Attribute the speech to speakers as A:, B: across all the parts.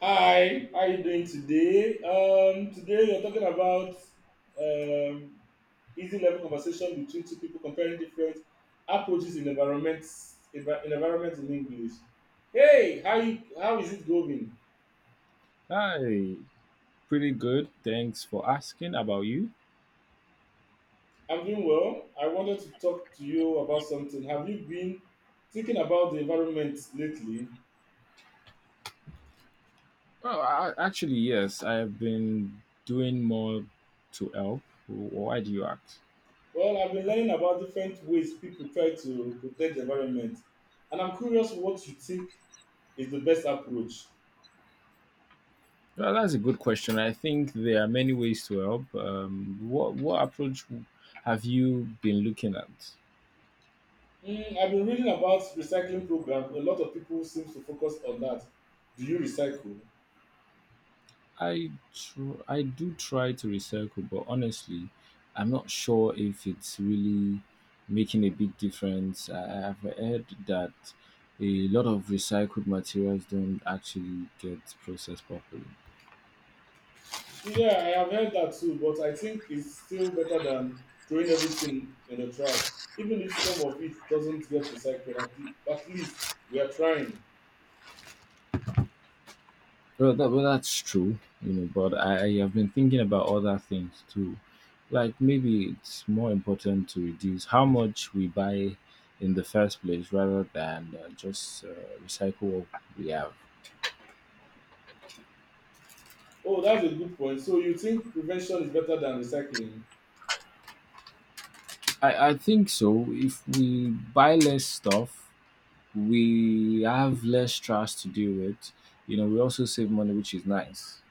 A: Hi, how are you doing today? Today we are talking about um, easy level conversation between two people comparing different approaches in environment in English. Hey, how is it going?
B: Hi, pretty good. Thanks for asking about you.
A: I'm doing well. I wanted to talk to you about something. Have you been thinking about the environment lately?
B: Oh, actually, yes, I have been doing more to help. Why do you act?
A: Well, I've been learning about different ways people try to protect the environment, and I'm curious what you think is the best approach.
B: Well, that's a good question. I think there are many ways to help. What approach have you been looking at?
A: Mm, I've been reading about recycling programs. A lot of people seem to focus on that. Do you recycle?
B: I do try to recycle, but honestly, I'm not sure if it's really making a big difference. I've heard that a lot of recycled materials don't actually get processed properly.
A: Yeah, I have heard that too, but I think it's still better than throwing everything in the trash. Even if some of it doesn't get recycled, at least we are trying.
B: Well, that's true, you know. But I have been thinking about other things too, like maybe it's more important to reduce how much we buy in the first place rather than just recycle what we have.
A: Oh, that's a good point. So you think prevention is better than recycling?
B: I think so. If we buy less stuff, we have less trash to deal with. You know, we also save money, which is nice.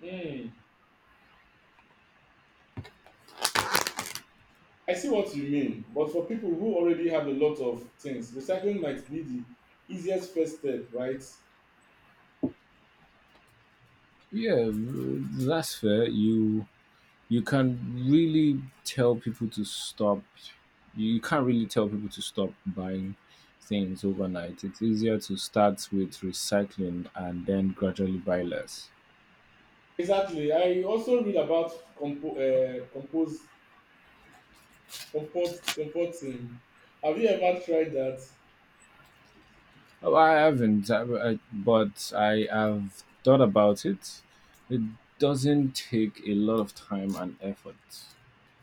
A: Hmm. I see what you mean, but for people who already have a lot of things, recycling might be the easiest first step, right?
B: Yeah, that's fair. You can really tell people to stop. You can't really tell people to stop buying things overnight. It's easier to start with recycling and then gradually buy less.
A: Exactly. I also read about compo- compose comport comporting. Have you ever tried that?
B: Oh, I haven't, I- but I have thought about it. It doesn't take a lot of time and effort.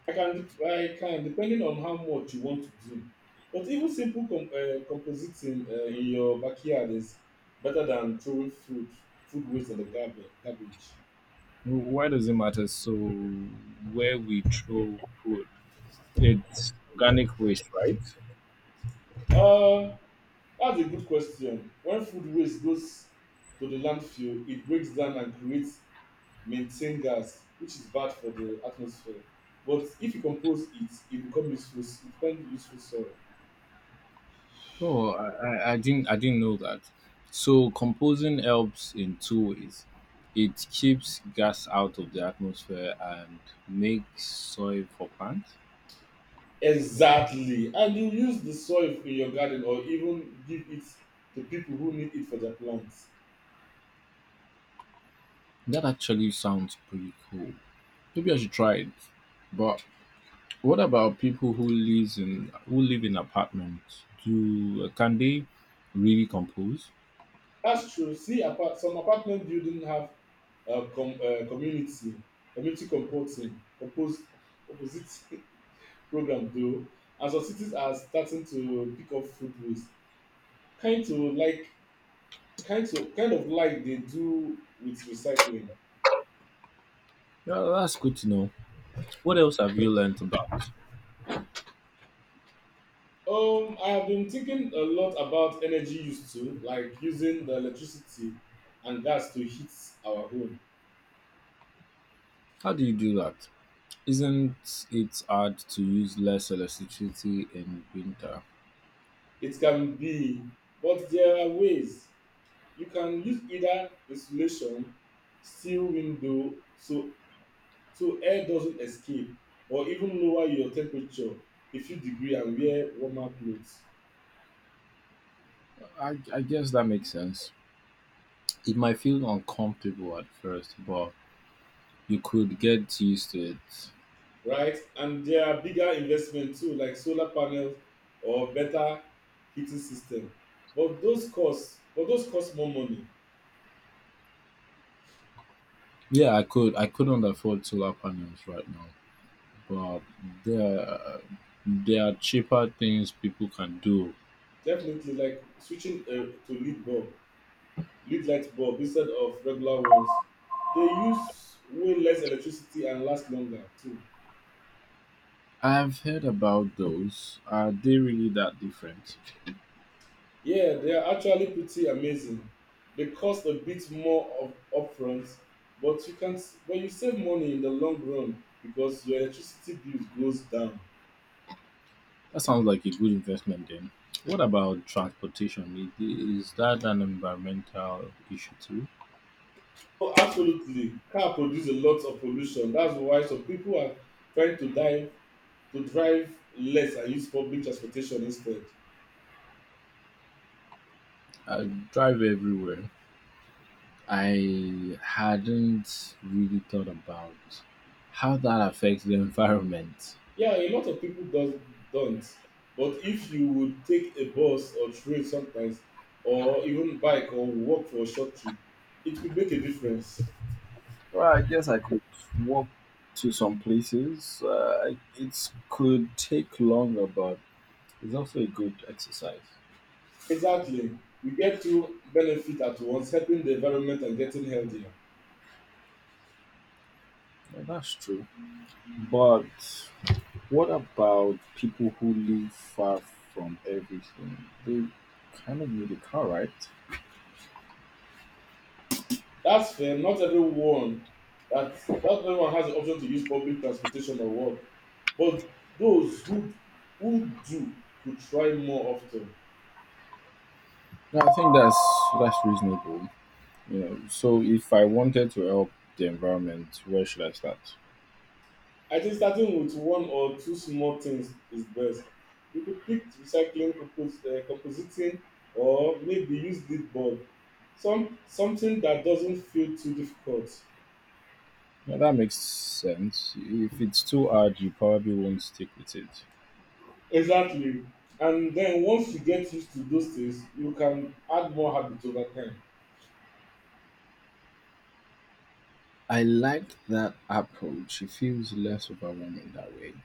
A: I can depending on how much you want to do. But even simple compositing in your backyard is better than throwing food waste in the garbage.
B: Why does it matter? So, where we throw food, it's organic waste, right?
A: Uh, that's a good question. When food waste goes to the landfill, it breaks down and creates methane gas, which is bad for the atmosphere. But if you compose it, e become useful soil.
B: Oh, I didn't know that. So, composing helps in two ways. It keeps gas out of the atmosphere and makes soil for plants.
A: Exactly, and you use the soil in your garden or even give it to people who need it for their plants.
B: That actually sounds pretty cool. Maybe I should try it. But what about people who live in apartments? Do Can they really compose?
A: That's true. See, apart some apartment building have uh, com uh, community community composting program though, and some cities are starting to pick up food waste, kind to like kind of kind of like they do with recycling?
B: Yeah, that's good to know. What else have you learned about?
A: I have been thinking a lot about energy used to, like using the electricity and gas to heat our home.
B: How do you do that? Isn't it hard to use less electricity in winter?
A: It can be, but there are ways. You can use either insulation, steel window, so air doesn't escape, or even lower your temperature a few degree and wear warmer clothes.
B: I guess that makes sense. It might feel uncomfortable at first, but you could get used to it.
A: Right? And there are bigger investments too, like solar panels or better heating system. But those cost more money.
B: Yeah, I couldn't afford solar panels right now, but there there are cheaper things people can do.
A: Definitely, like switching to lead bulb, lead light bulb instead of regular ones. They use way less electricity and last longer too.
B: I've heard about those. Are they really that different?
A: Yeah, they are actually pretty amazing. They cost a bit more of upfront, but you save money in the long run because your electricity bills goes down.
B: That sounds like a good investment then. What about transportation? Is that an environmental issue too?
A: Oh, absolutely. Car produce a lot of pollution. That's why some people are trying to dive to drive less and use public transportation instead.
B: I drive everywhere. I hadn't really thought about how that affects the environment.
A: Yeah, a lot of people does don't. But if you would take a bus or train sometimes, or even bike or walk for a short trip, it could make a difference.
B: Well, I guess I could walk to some places. It could take longer, but it's also a good exercise.
A: Exactly. We get two benefit at once, helping the environment and getting healthier.
B: Yeah, that's true. But what about people who live far from everything? They kind of need a car, right?
A: That's fair. That not everyone has the option to use public transportation or work, but those who do could try more often.
B: No, I think that's reasonable. You know, so if I wanted to help the environment, where should I start?
A: I think starting with one or two small things is best. You could pick recycling, compositing, or maybe use lead board. Something that doesn't feel too difficult.
B: Yeah, that makes sense. If it's too hard, you probably won't stick with it.
A: Exactly. And then once you get used to those things, you can add more habits over time.
B: I like that approach. It feels less overwhelming that way.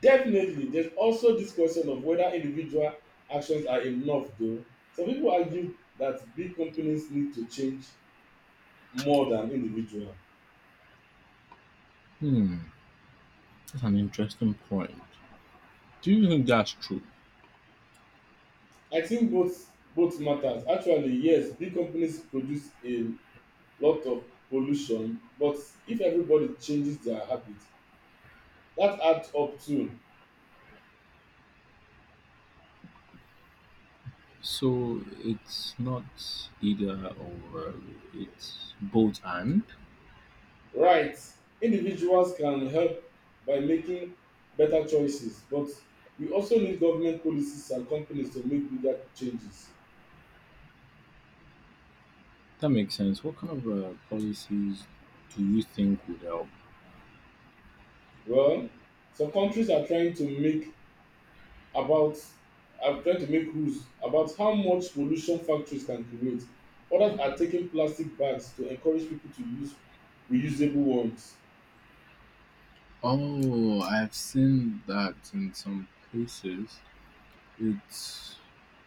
A: Definitely, there's also this question of whether individual actions are enough, though. Some people argue that big companies need to change more than individual.
B: Hmm, that's an interesting point. Do you think that's true?
A: I think both matters. Actually, yes, big companies produce a lot of pollution, but if everybody changes their habits, that adds up too.
B: So it's not either or, it's both and?
A: Right. Individuals can help by making better choices, but we also need government policies and companies to make bigger changes.
B: That makes sense. What kind of policies do you think would help?
A: Well, some countries are trying to about make rules about how much pollution factories can create. Others are taking plastic bags to encourage people to use reusable ones.
B: Oh, I've seen that in some places. It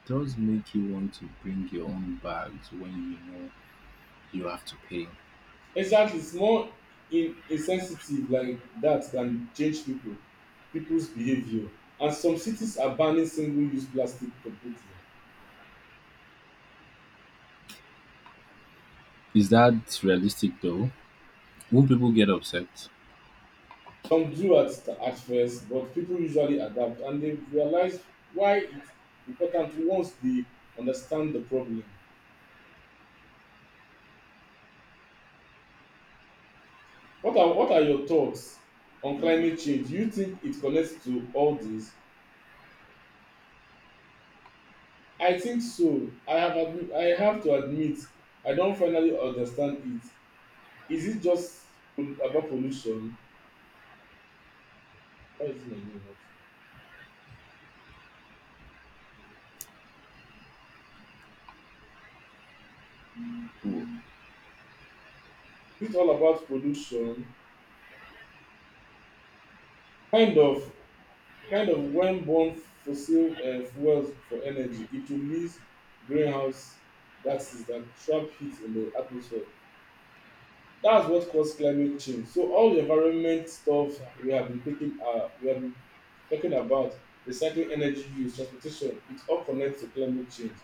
B: does make you want to bring your own bags when you know you have to pay.
A: Exactly, small in insensitive like that can change people's behaviour, and some cities are banning single use plastic completely.
B: Is that realistic though? Would people get upset?
A: Some do at first, but people usually adapt and they realize why it's important once they understand the problem. What are your thoughts on climate change? Do you think it connects to all this? I think so. I have to admit, I don't finally understand it. Is it just about pollution? Why is my name up?
B: Mm.
A: Is it all about pollution? Kind of. Kind of, when burn fossil fuels for energy, it release greenhouse gases that trap heat in the atmosphere. That's what cause climate change. So all the environment stuff we have been talking about, recycling, energy use, transportation, it all connects to climate change.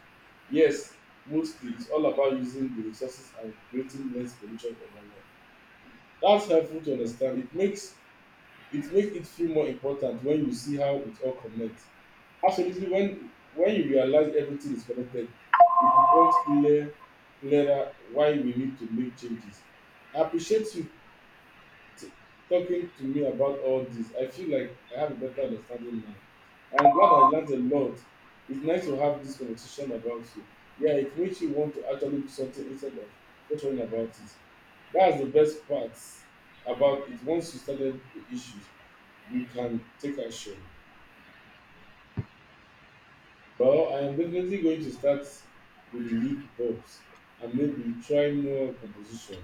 A: Yes, mostly it's all about using the resources and creating less pollution for environment. That's helpful to understand. It makes it feel more important when you see how it all connects. Absolutely. When you realize everything is connected, it becomes clearer why we need to make changes. I appreciate you t- talking to me about all this. I feel like I have a better understanding now. I'm glad I learned a lot. It's nice to have this conversation about you. Yeah, it makes you want to actually do something instead of just worrying about it. That's the best part about it. Once you started the issues, you can take action. Well, I am definitely going to start with the lead bulbs and maybe try more composition.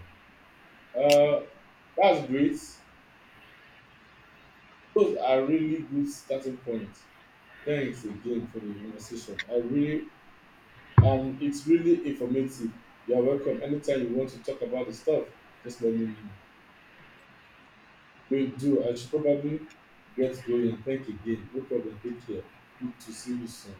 A: Uh, that's great. Those are really good starting points. Thanks again for the conversation. I really it's really informative. You are welcome. Anytime you want to talk about the stuff, just let me know. We do. I should probably get going. Thank again. No problem. Take care. Good to see you soon.